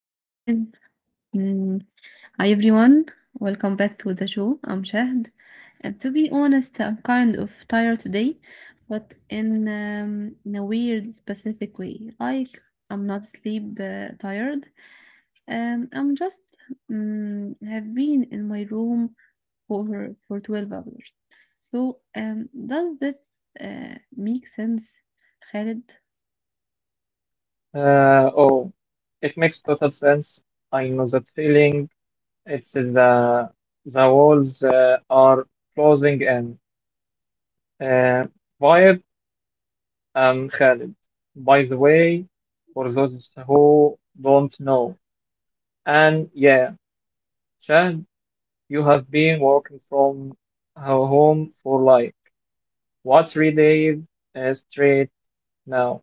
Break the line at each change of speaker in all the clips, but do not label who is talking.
we are live. Mm. Hi everyone, welcome back to the show. I'm Shahd, and to be honest, I'm kind of tired today, but in a weird, specific way. Like I'm not sleep tired. I'm just have been in my room for 12 hours. So does that make sense, Khaled?
Uh, oh, it makes total sense. I know that feeling. It's the walls are closing in. Uh, Vibe and Khalid. By the way, for those who don't know, and yeah, Chad, you have been working from home for like what three days straight now?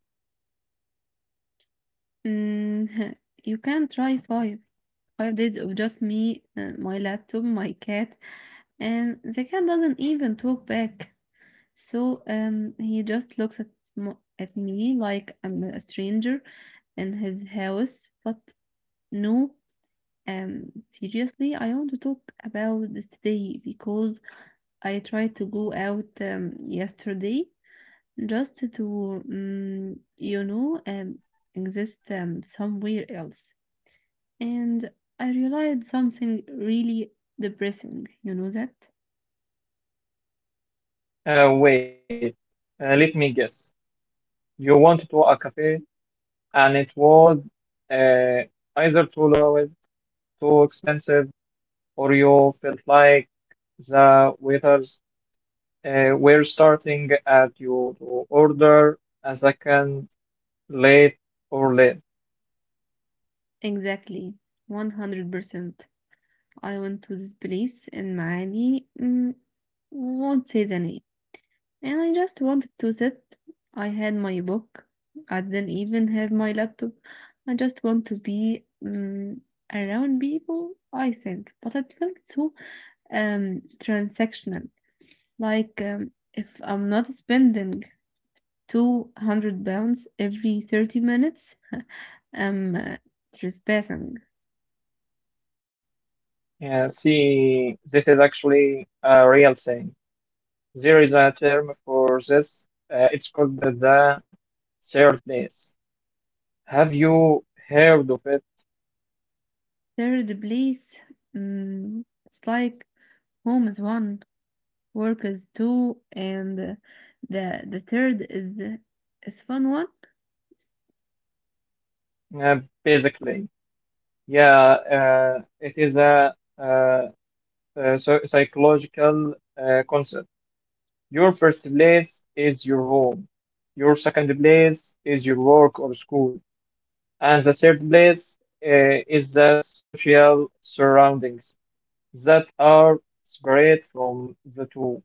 Mm, you can try five. 5 days of just me, my laptop, my cat, and the cat doesn't even talk back. So he just looks at at me like I'm a stranger in his house. But no, um, seriously, I want to talk about this today because I tried to go out yesterday just to, exist somewhere else. And I realized something really depressing, you know that?
Uh, wait, let me guess. You want to a cafe? And it was uh, either too low, too expensive, or you felt like the waiters were starting at you to order a second late or late.
Exactly, 100%. I went to this place in Maali, mm, won't say the name, and I just wanted to sit. I had my book, I didn't even have my laptop. I just want to be mm, around people, I think. But it felt so transactional, like if I'm not spending £200 every 30 minutes. I'm trespassing.
Yeah, see, this is actually a real thing. There is a term for this. It's called the third place. Have you heard of it?
Third place, mm, it's like home is one, work is two, and the third is the is fun one.
Uh, Basically, yeah, it is a uh, so psychological concept. Your first place is your home. Your second place is your work or school. And the third place is the social surroundings that are separate from the two.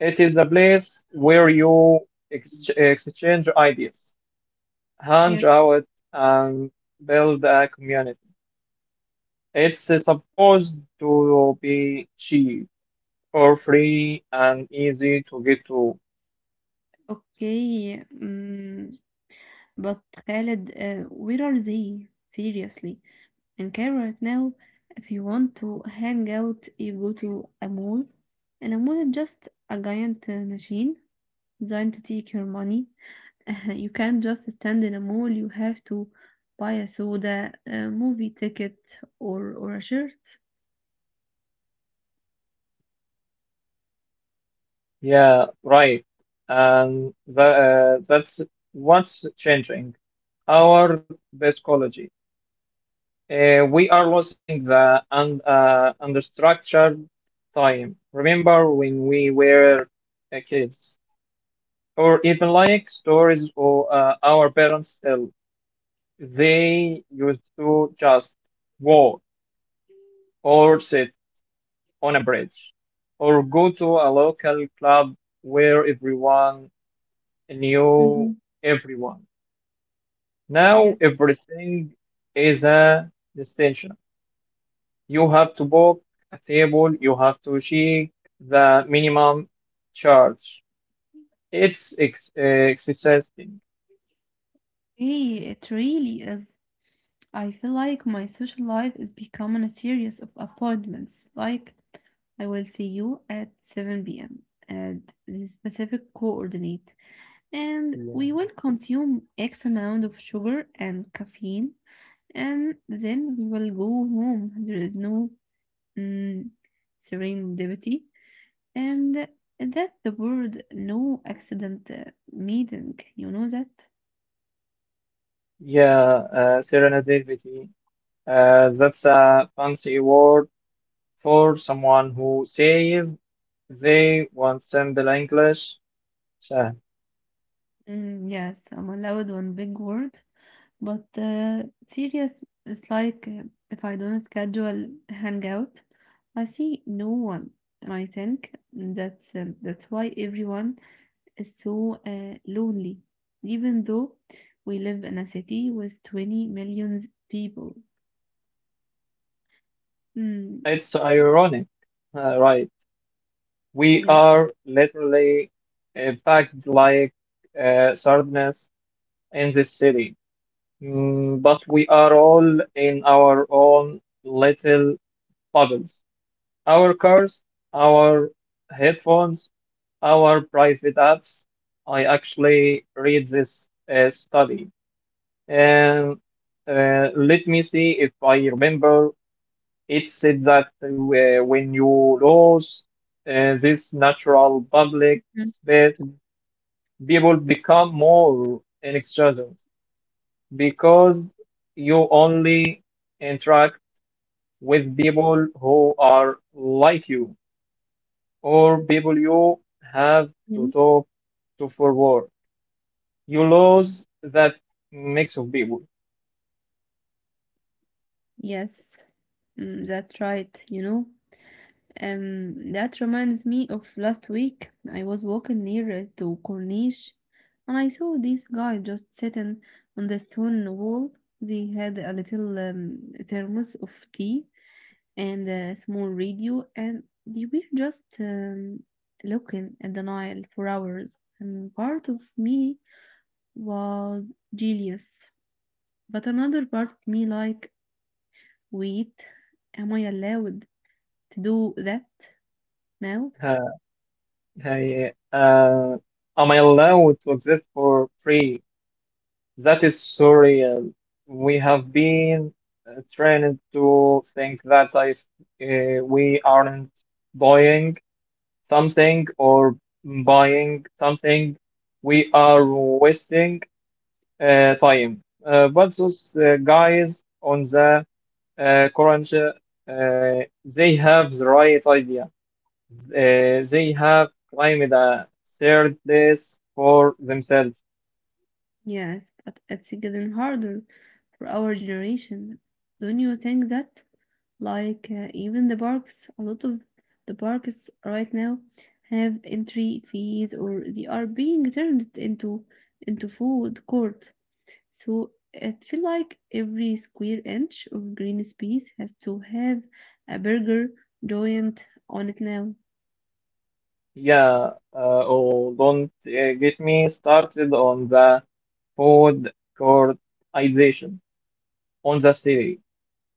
It is a place where you exchange ideas, hang
Yes.
out, and build a community. It's supposed to be cheap for free and easy to get to.
Okay, mm, but Khaled, where are they? Seriously, in Cairo right now, if you want to hang out, you go to a mall, and a mall is just a giant machine designed to take your money. You can't just stand in a mall, you have to buy a soda, a movie ticket, or a shirt.
Yeah, right. And that's what's changing. Our psychology. We are losing the unstructured time. Remember when we were kids, or even like stories or our parents tell. They used to just walk or sit on a bridge or go to a local club where everyone
Hmm.
knew everyone.
Yes.
Now everything is a destination. You have to book a table, you have to check the minimum charge. It's exercising.
Hey, it really is. I feel like my social life is becoming a series of appointments. Like, I will see you at 7 p.m. at the specific coordinate, and
Yeah,
we will consume X amount of sugar and caffeine, and then we will go home. There is no mm, serendipity, and that the word no accident meaning. You know that?
yeah, serendipity. That's a fancy word for someone who says they want simple English. So,
Mm, yes, I'm allowed one big word, but serious is like if I don't schedule hangout, I see no one, and I think that's why everyone is so lonely, even though we live in a city with 20 million people. Mm,
it's ironic, right? We
yes.
are literally packed like sardines in this city. But we are all in our own little bubbles. Our cars, our headphones, our private apps. I actually read this study, and let me see if I remember. It said that when you lose this natural public space, people become more extravagant because you only interact with people who are like you or people you have to talk to for work. You lose that mix of people.
Yes, mm, that's right, you know. That reminds me of last week. I was walking near to Corniche and I saw this guy just sitting on the stone wall. They had a little thermos of tea and a small radio, and they were just looking at the Nile for hours. And part of me was jealous, but another part of me like, wait, am I allowed? To do that now?
Uh, I, uh, am I allowed to exist for free? That is surreal. We have been trained to think that if we aren't buying something or buying something, we are wasting time. But those guys on the current, they have the right idea. They have claimed a third place for themselves.
Yes, but it's getting harder for our generation. Don't you think that? Like, even the parks, a lot of the parks right now have entry fees or they are being turned into food court. So it feel like every square inch of green space has to have a burger joint on it now.
Yeah, don't get me started on the food courtization on the city.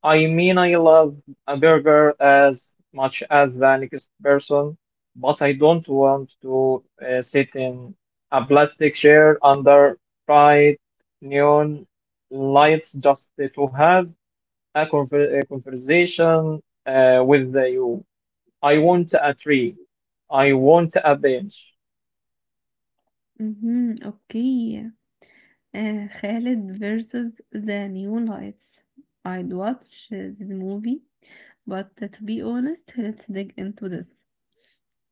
I mean, I love a burger as much as the next person, but I don't want to sit in a plastic chair under bright neon lights just to have a conversation with you. I want a tree. I want a bench.
Mm-hmm, okay. Khalid versus the Neon Lights. I'd watch the movie, but to be honest, let's dig into this.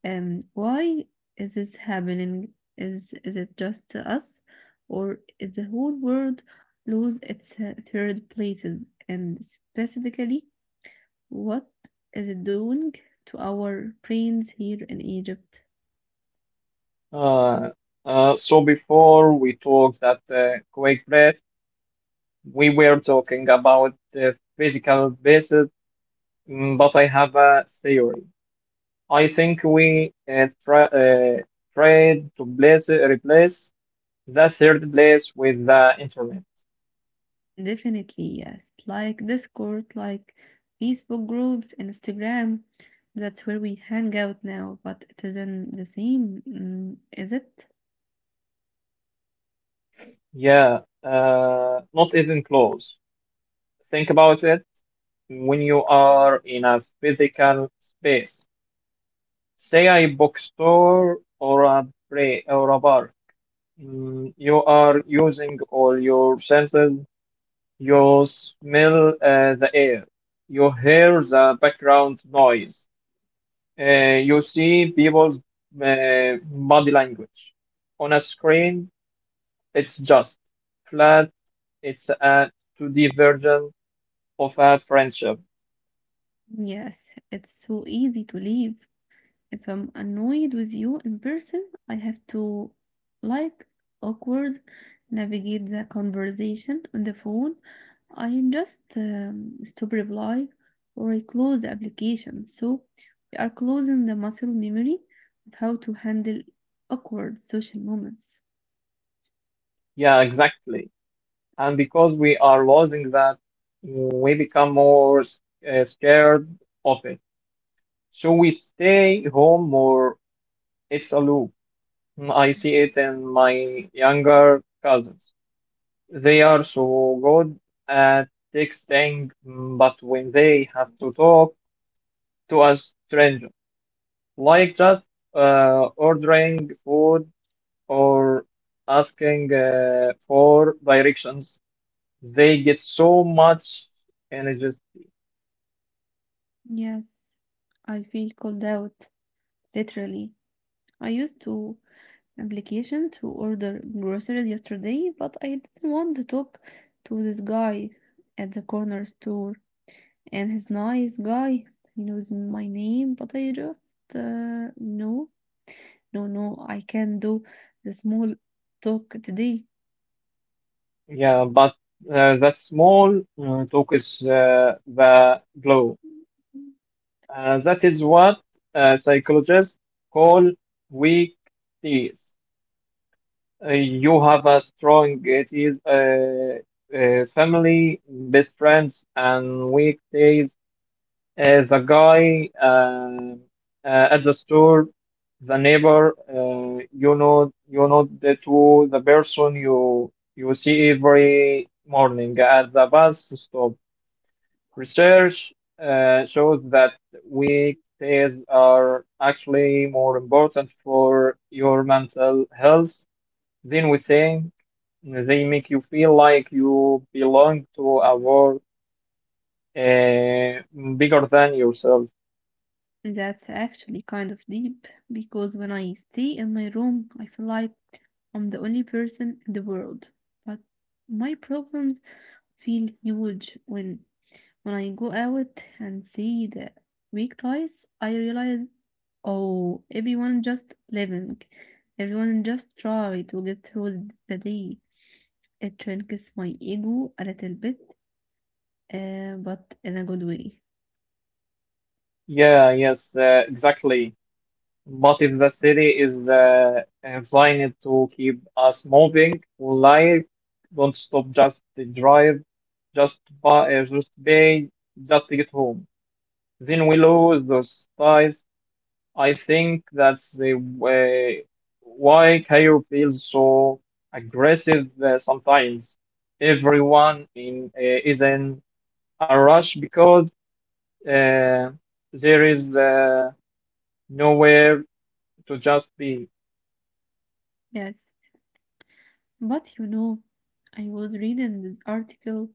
Why is this happening? Is it just us, or is the whole world lose its third places? And specifically, what is it doing to our brains here in Egypt?
Uh, so before we talked that quick breath, we were talking about the physical basis, but I have a theory. I think we try tried to replace the third place with the internet.
Definitely, yes. Like Discord, like Facebook groups, Instagram. That's where we hang out now, but it isn't the same, mm, is it?
Yeah, not even close. Think about it when you are in a physical space, say a bookstore or a play or a bar. You are using all your senses. You smell the air. You hear the background noise. You see people's body language. On a screen, it's just flat. It's a 2D version of a friendship.
Yes, it's so easy to leave. If I'm annoyed with you in person, I have to, like, awkward navigate the conversation on the phone. I just stop reply or I close the application. So we are closing the muscle memory of how to handle awkward social moments.
Yeah, exactly. And because we are losing that, we become more scared of it. So we stay home more? It's a loop. I see it in my younger cousins. They are so good at texting, but when they have to talk to a stranger, like just ordering food or asking for directions, they get so much energy.
Yes, I feel called out, literally. I used to application to order groceries yesterday, but I didn't want to talk to this guy at the corner store. And he's nice guy. He knows my name, but I just no, no, no. I can do the small talk today.
Yeah, but that small talk is the blow. That is what psychologists call weak ties. You have a strong teeth, family, best friends, and weak ties. The guy at the store, the neighbor, you know that to the person you see every morning at the bus stop. Research shows that weekdays are actually more important for your mental health than we think. They make you feel like you belong to a world uh, bigger than yourself.
That's actually kind of deep because when I stay in my room, I feel like I'm the only person in the world. But my problems feel huge when I go out and see the weak ties, I realize, oh, everyone just living. Everyone just try to get through the day. It shrinks my ego a little bit, but in a good way.
Yeah, exactly. But if the city is designed to keep us moving, life don't stop just drive, just buy, just pay, just to get home. Then we lose those ties. I think that's the way why Cairo feels so aggressive sometimes. Everyone in is in a rush because uh, there is nowhere to just be.
Yes, but you know, I was reading this article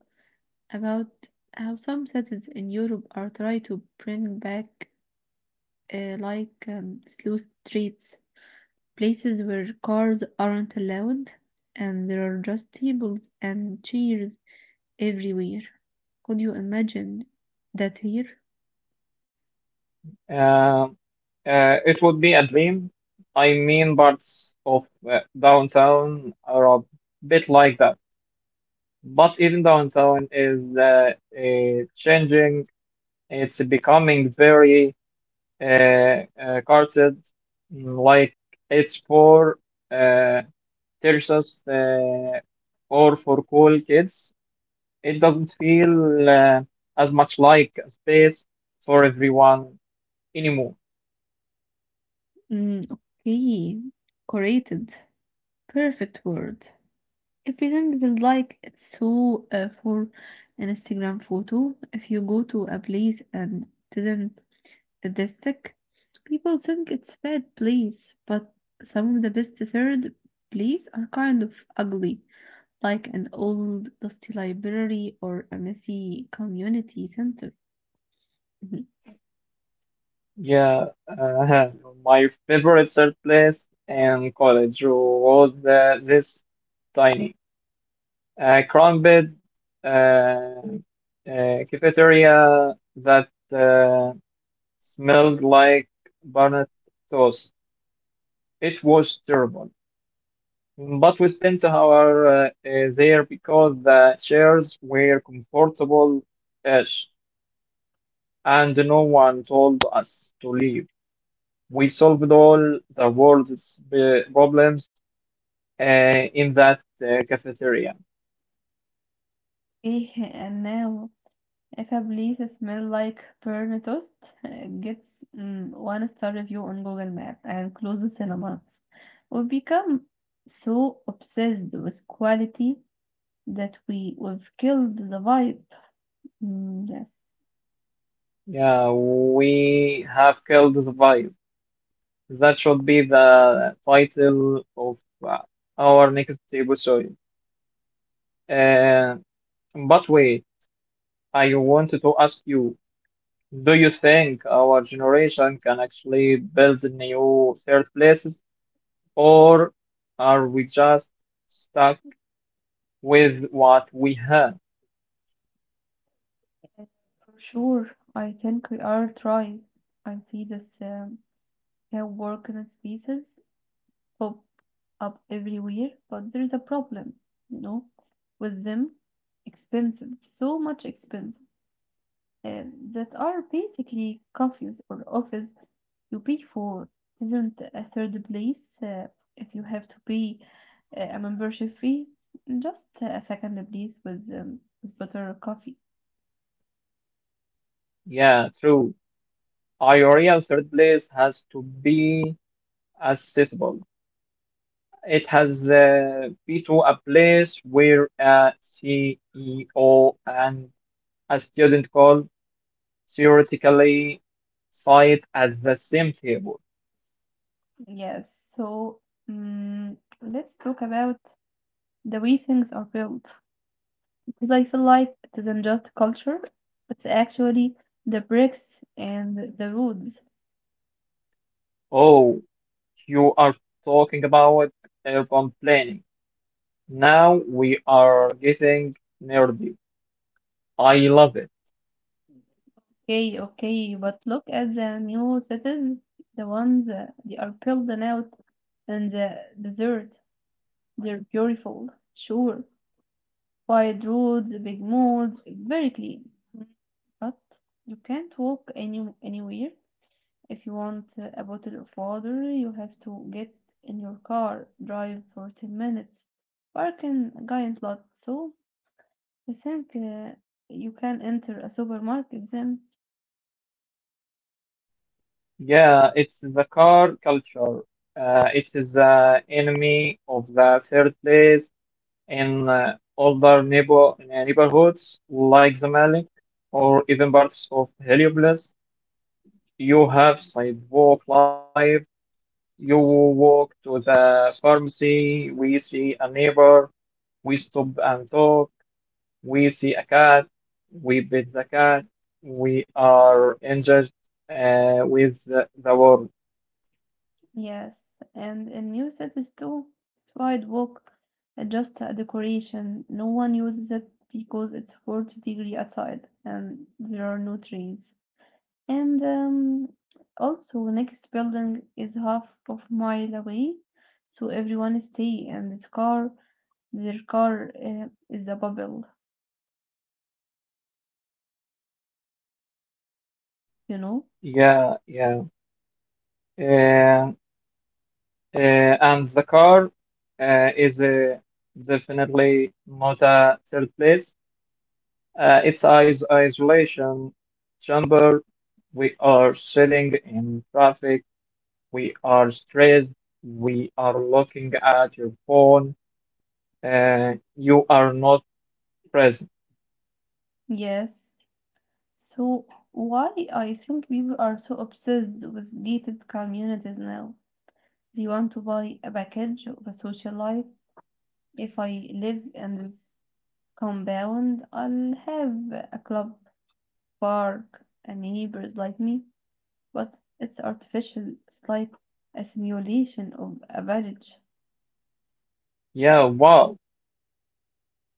about how some cities in Europe are trying to bring back like slow streets, places where cars aren't allowed, and there are just tables and chairs everywhere. Could you imagine that here?
Uh, it would be a dream. I mean, parts of downtown are a bit like that. But even downtown is changing. It's becoming very uh, carted, like it's for uh, tertius or for cool kids. It doesn't feel as much like a space for everyone anymore.
Mm, okay, curated, perfect word. Everything feels like it's so for an Instagram photo. If you go to a place and didn't this people think it's bad plays, but some of the best third plays are kind of ugly, like an old dusty library or a messy community center. Mhm.
Yeah, uh, my favorite third place in college was this tiny crumbed uh, cafeteria that. Uh, Smelled like burnt toast. It was terrible. But we spent an hour there because the chairs were comfortable ish and no one told us to leave. We solved all the world's problems in that cafeteria.
إيه and now if a place smells like burnt toast, it gets mm, one star review on Google Map and closes in a month. We've become so obsessed with quality that we've killed the vibe. Mm, yes,
Yeah, we have killed the vibe. That should be the title of uh, our next episode. Uh, but wait, I wanted to ask you, do you think our generation can actually build new third places, or are we just stuck with what we have?
for sure. I think we are trying. I see this can work in spaces pop up everywhere, but there is a problem, you know, with them. Expensive, so much expensive. Um, that are basically coffees or office you pay for. It isn't a third place if you have to pay a membership fee. Just a second place with better coffee.
Yeah, true. Our real third place has to be accessible. It has been to a place where a CEO and a student could theoretically sit at the same table.
Yes, so mm let's talk about the way things are built because I feel like it isn't just culture, it's actually the bricks and the roads.
Oh, you are talking about urban planning. Now we are getting nerdy. I love it.
Okay, okay, but look at the new cities, the ones they are building out in the desert. They're beautiful, sure. Wide roads, big malls, very clean. Mm. But you can't walk anywhere. If you want a bottle of water, you have to get in your car, drive for 10 minutes, park in a giant lot. So I think you can enter a supermarket then.
Yeah, it's the car culture. It is the enemy of the third place in older neighborhoods like the or even parts of Heliopolis. You have sidewalk life. You walk to the pharmacy. We see a neighbor. We stop and talk. We see a cat. We pet the cat. We are engaged with the world.
Yes, and in new cities too, this sidewalk are just a decoration. No one uses it because it's 40-degree outside and there are no trees. And also, next building is half of mile away, so everyone stay and this car, their car is a bubble, you know?
Yeah, yeah. Uh, Uh, and the car is definitely not a third place. It's Is isolation chamber. We are sitting in traffic. We are stressed. We are looking at your phone. You are not present.
Yes. So why I think people are so obsessed with gated communities now? Do you want to buy a package of a social life? If I live in this compound, I'll have a club, park, and neighbors like me, but it's artificial. It's like a simulation of a village.
Yeah,
Yes.
wow.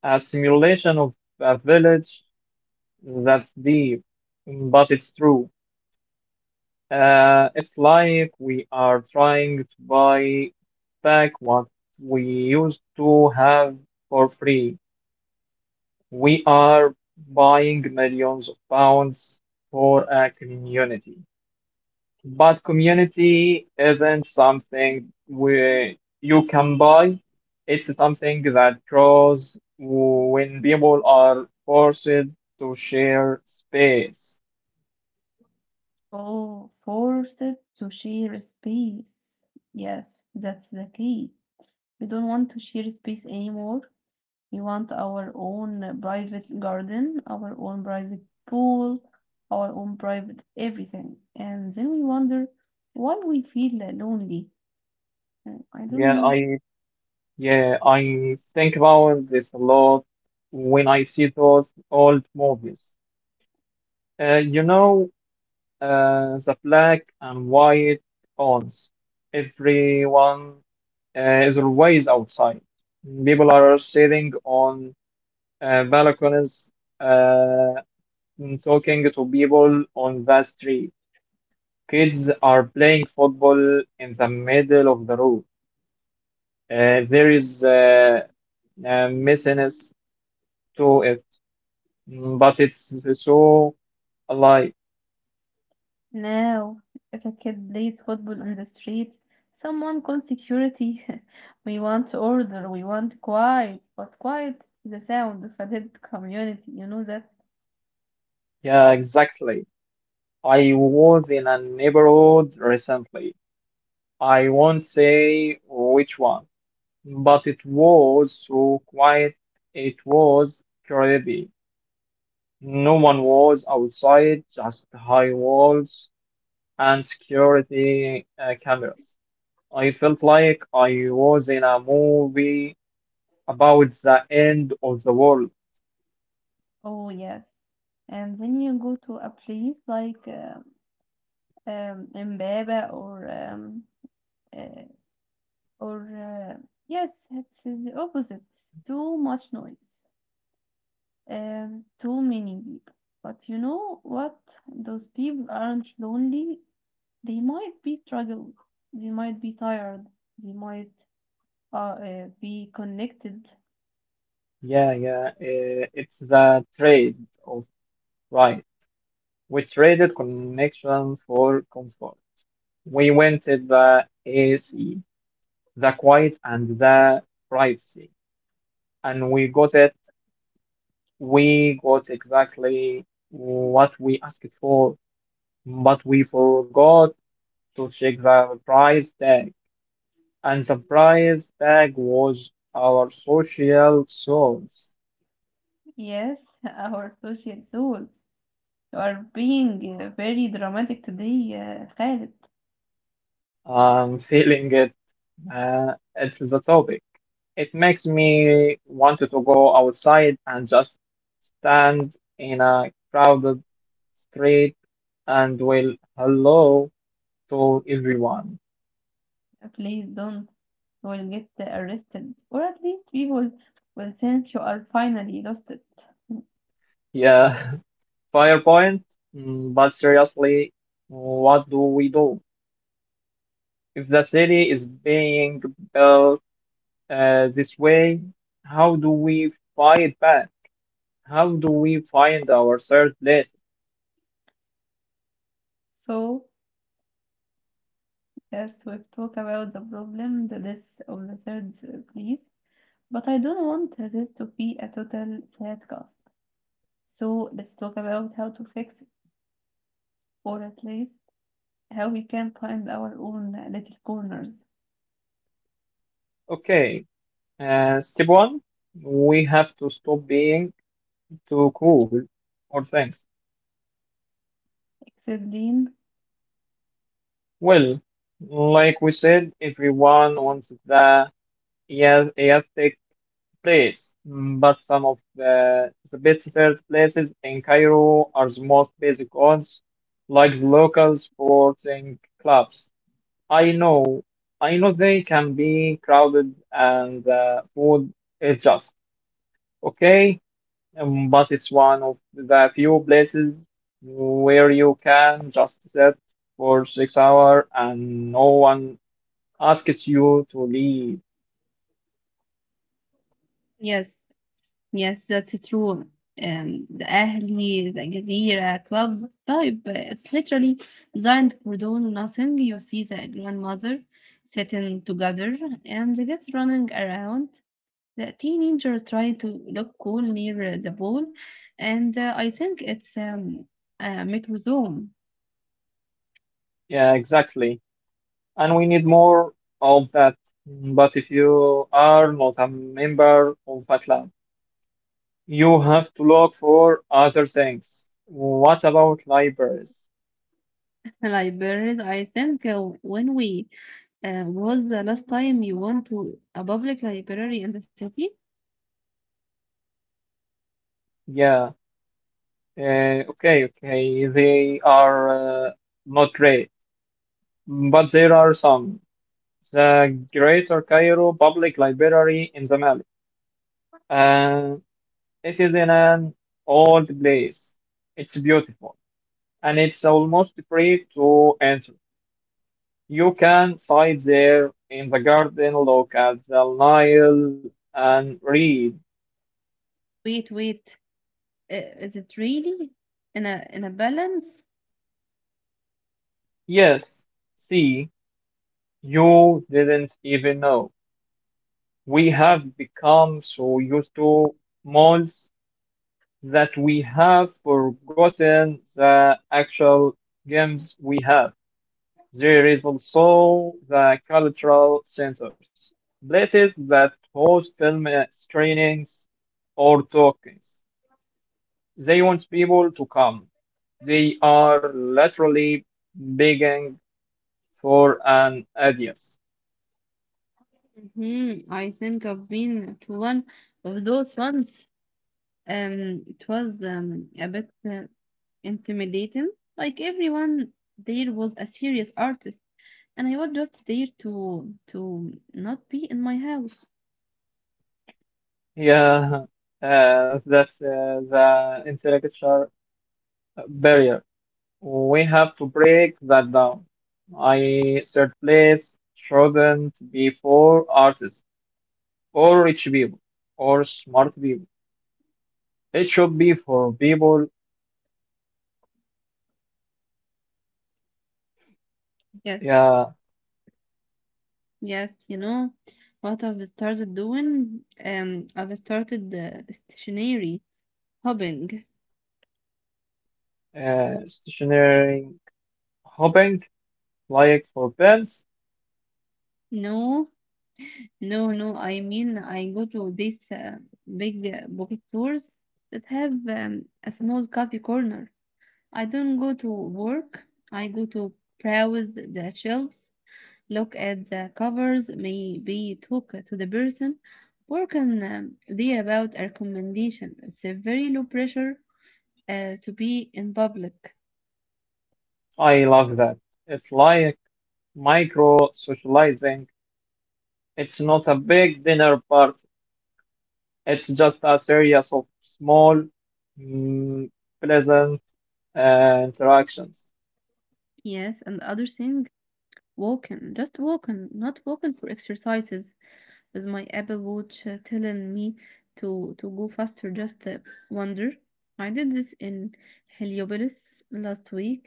A simulation of a village, that's deep, but it's true. It's like we are trying to buy back what we used to have for free. We are buying millions of pounds for a community. But community isn't something you can buy. It's something that grows when people are forced to share space.
All forced to share space. Yes, that's the key. We don't want to share space anymore. We want our own private garden, our own private pool, our own private everything. And then we wonder why we feel lonely. I don't
Yeah,
know.
I yeah, I think about this a lot when I see those old movies. Uh, you know, the black and white ones. Everyone is always outside. People are sitting on balconies, uh, and talking to people on the street. Kids are playing football in the middle of the road. There is a messiness to it. But it's so like,
Now, if a kid plays football on the street, someone calls security. We want order, we want quiet, but quiet is the sound of a dead community. You know that?
yeah, exactly. I was in a neighborhood recently. I won't say which one, but it was so quiet. It was creepy. No one was outside, just high walls and security cameras. I felt like I was in a movie about the end of the world.
Oh, yes. And then you go to a place like Mbaba or uh, or, yes, it's the opposite. Too much noise, too many people. But you know what? Those people aren't lonely. They might be struggle. They might be tired. They might be connected.
Yeah, it's the trade of right. We traded connection for comfort. We wanted the AC, the quiet, and the privacy, and we got it. We got exactly what we asked for, but we forgot to check the price tag, and the price tag was our social source.
Yes, our social souls are being very dramatic today, Khaled.
I'm feeling it. Uh, it's the topic. It makes me want to go outside and just stand in a crowded street and will hello to everyone.
Please don't. You will get arrested, or at least people will think you are finally lost it.
Yeah, PowerPoint. But seriously, what do we do? If the city is being built this way, how do we fight back? How do we find our third place?
So first we talk about the problem, the death of the third priest. But I don't want this to be a total broadcast. So let's talk about how to fix it, or at least how we can find our own little corners.
Okay, step one, we have to stop being too cool. Or thanks.
Except
Well, like we said, everyone wants the Eas- Aztec place. But some of the best third places in Cairo are the most basic ones, like the local sporting clubs. I know, I know they can be crowded and the food is just okay. But it's one of the few places where you can just sit for six hours and no one asks you to leave.
yes, yes, that's true. The Ahli, the Jazeera Club vibe. It's literally designed for doing nothing. You see the grandmother sitting together and the kids running around. The teenager trying to look cool near the ball, and I think it's a microsome.
Yeah, exactly. And we need more of that. But if you are not a member of a club, you have to look for other things. What about libraries?
Libraries. I think when we was the last time you went to a public library in the city?
Yeah. Okay, okay. They are not great, but there are some. The Greater Cairo Public Library in the Mall. Uh, it is in an old place. It's beautiful and it's almost free to enter. You can sit there in the garden, look at the Nile, and read.
Wait, is it really in a balance?
Yes, see, you didn't even know. We have become so used to malls that we have forgotten the actual games we have. There is also the cultural centers, places that host film screenings or talkings. They want people to come. They are literally begging for an audience.
Hmm. I think I've been to one of those ones. It was a bit intimidating. Like everyone there was a serious artist and I was just there to not be in my house.
Yeah, that's the intellectual barrier. We have to break that down. I third place shouldn't be for artists. Or rich people or smart people. It should be for people,
Yes,
yeah,
yes, you know what I've started doing? I've started stationary hopping.
stationary hopping, like for pets.
No, no, no. I mean, I go to these big bookstores stores that have a small coffee corner. I don't go to work. I go to browse the shelves. Look at the covers, maybe talk to the person. Work on there about a recommendation. It's a very low pressure to be in public.
I love that. It's like micro socializing. It's not a big dinner party. It's just a series of small, mm, pleasant interactions.
Yes, and the other thing, walking. Just walking, not walking for exercises. With my Apple Watch telling me to go faster, just wander. I did this in Heliopolis last week.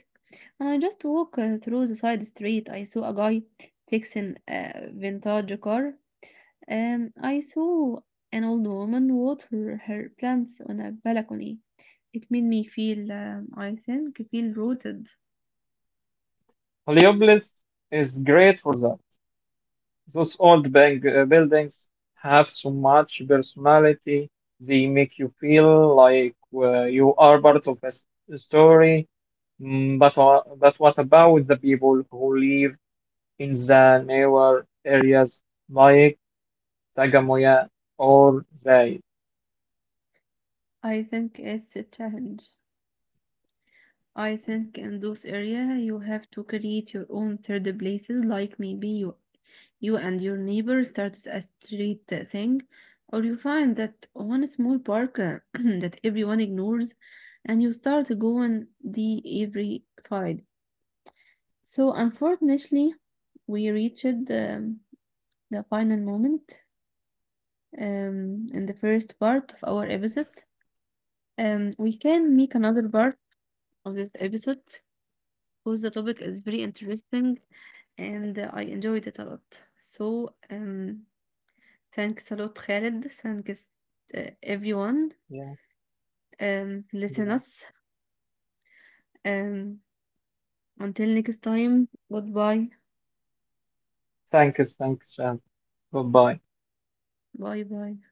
I just walk through the side street. I saw a guy fixing a vintage car. I saw an old woman water her plants on a balcony. It made me feel, feel rooted.
Heliopolis is great for that. Those old bank buildings have so much personality. They make you feel like you are part of a story. But, but what about the people who live in the newer areas like Tagamoya or Zay?
I think it's a challenge. I think in those area you have to create your own third places, like maybe you and your neighbor start a street thing, or you find that one small park that everyone ignores, and you start going the every Friday. So unfortunately, we reached. Um, the final moment in the first part of our episode. We can make another part of this episode because the topic is very interesting and I enjoyed it a lot. So, thanks a lot, Khaled. Thanks, everyone.
Yeah, yeah.
Listen us. Um, until next time, goodbye.
Thanks, thanks, and goodbye.
Bye bye.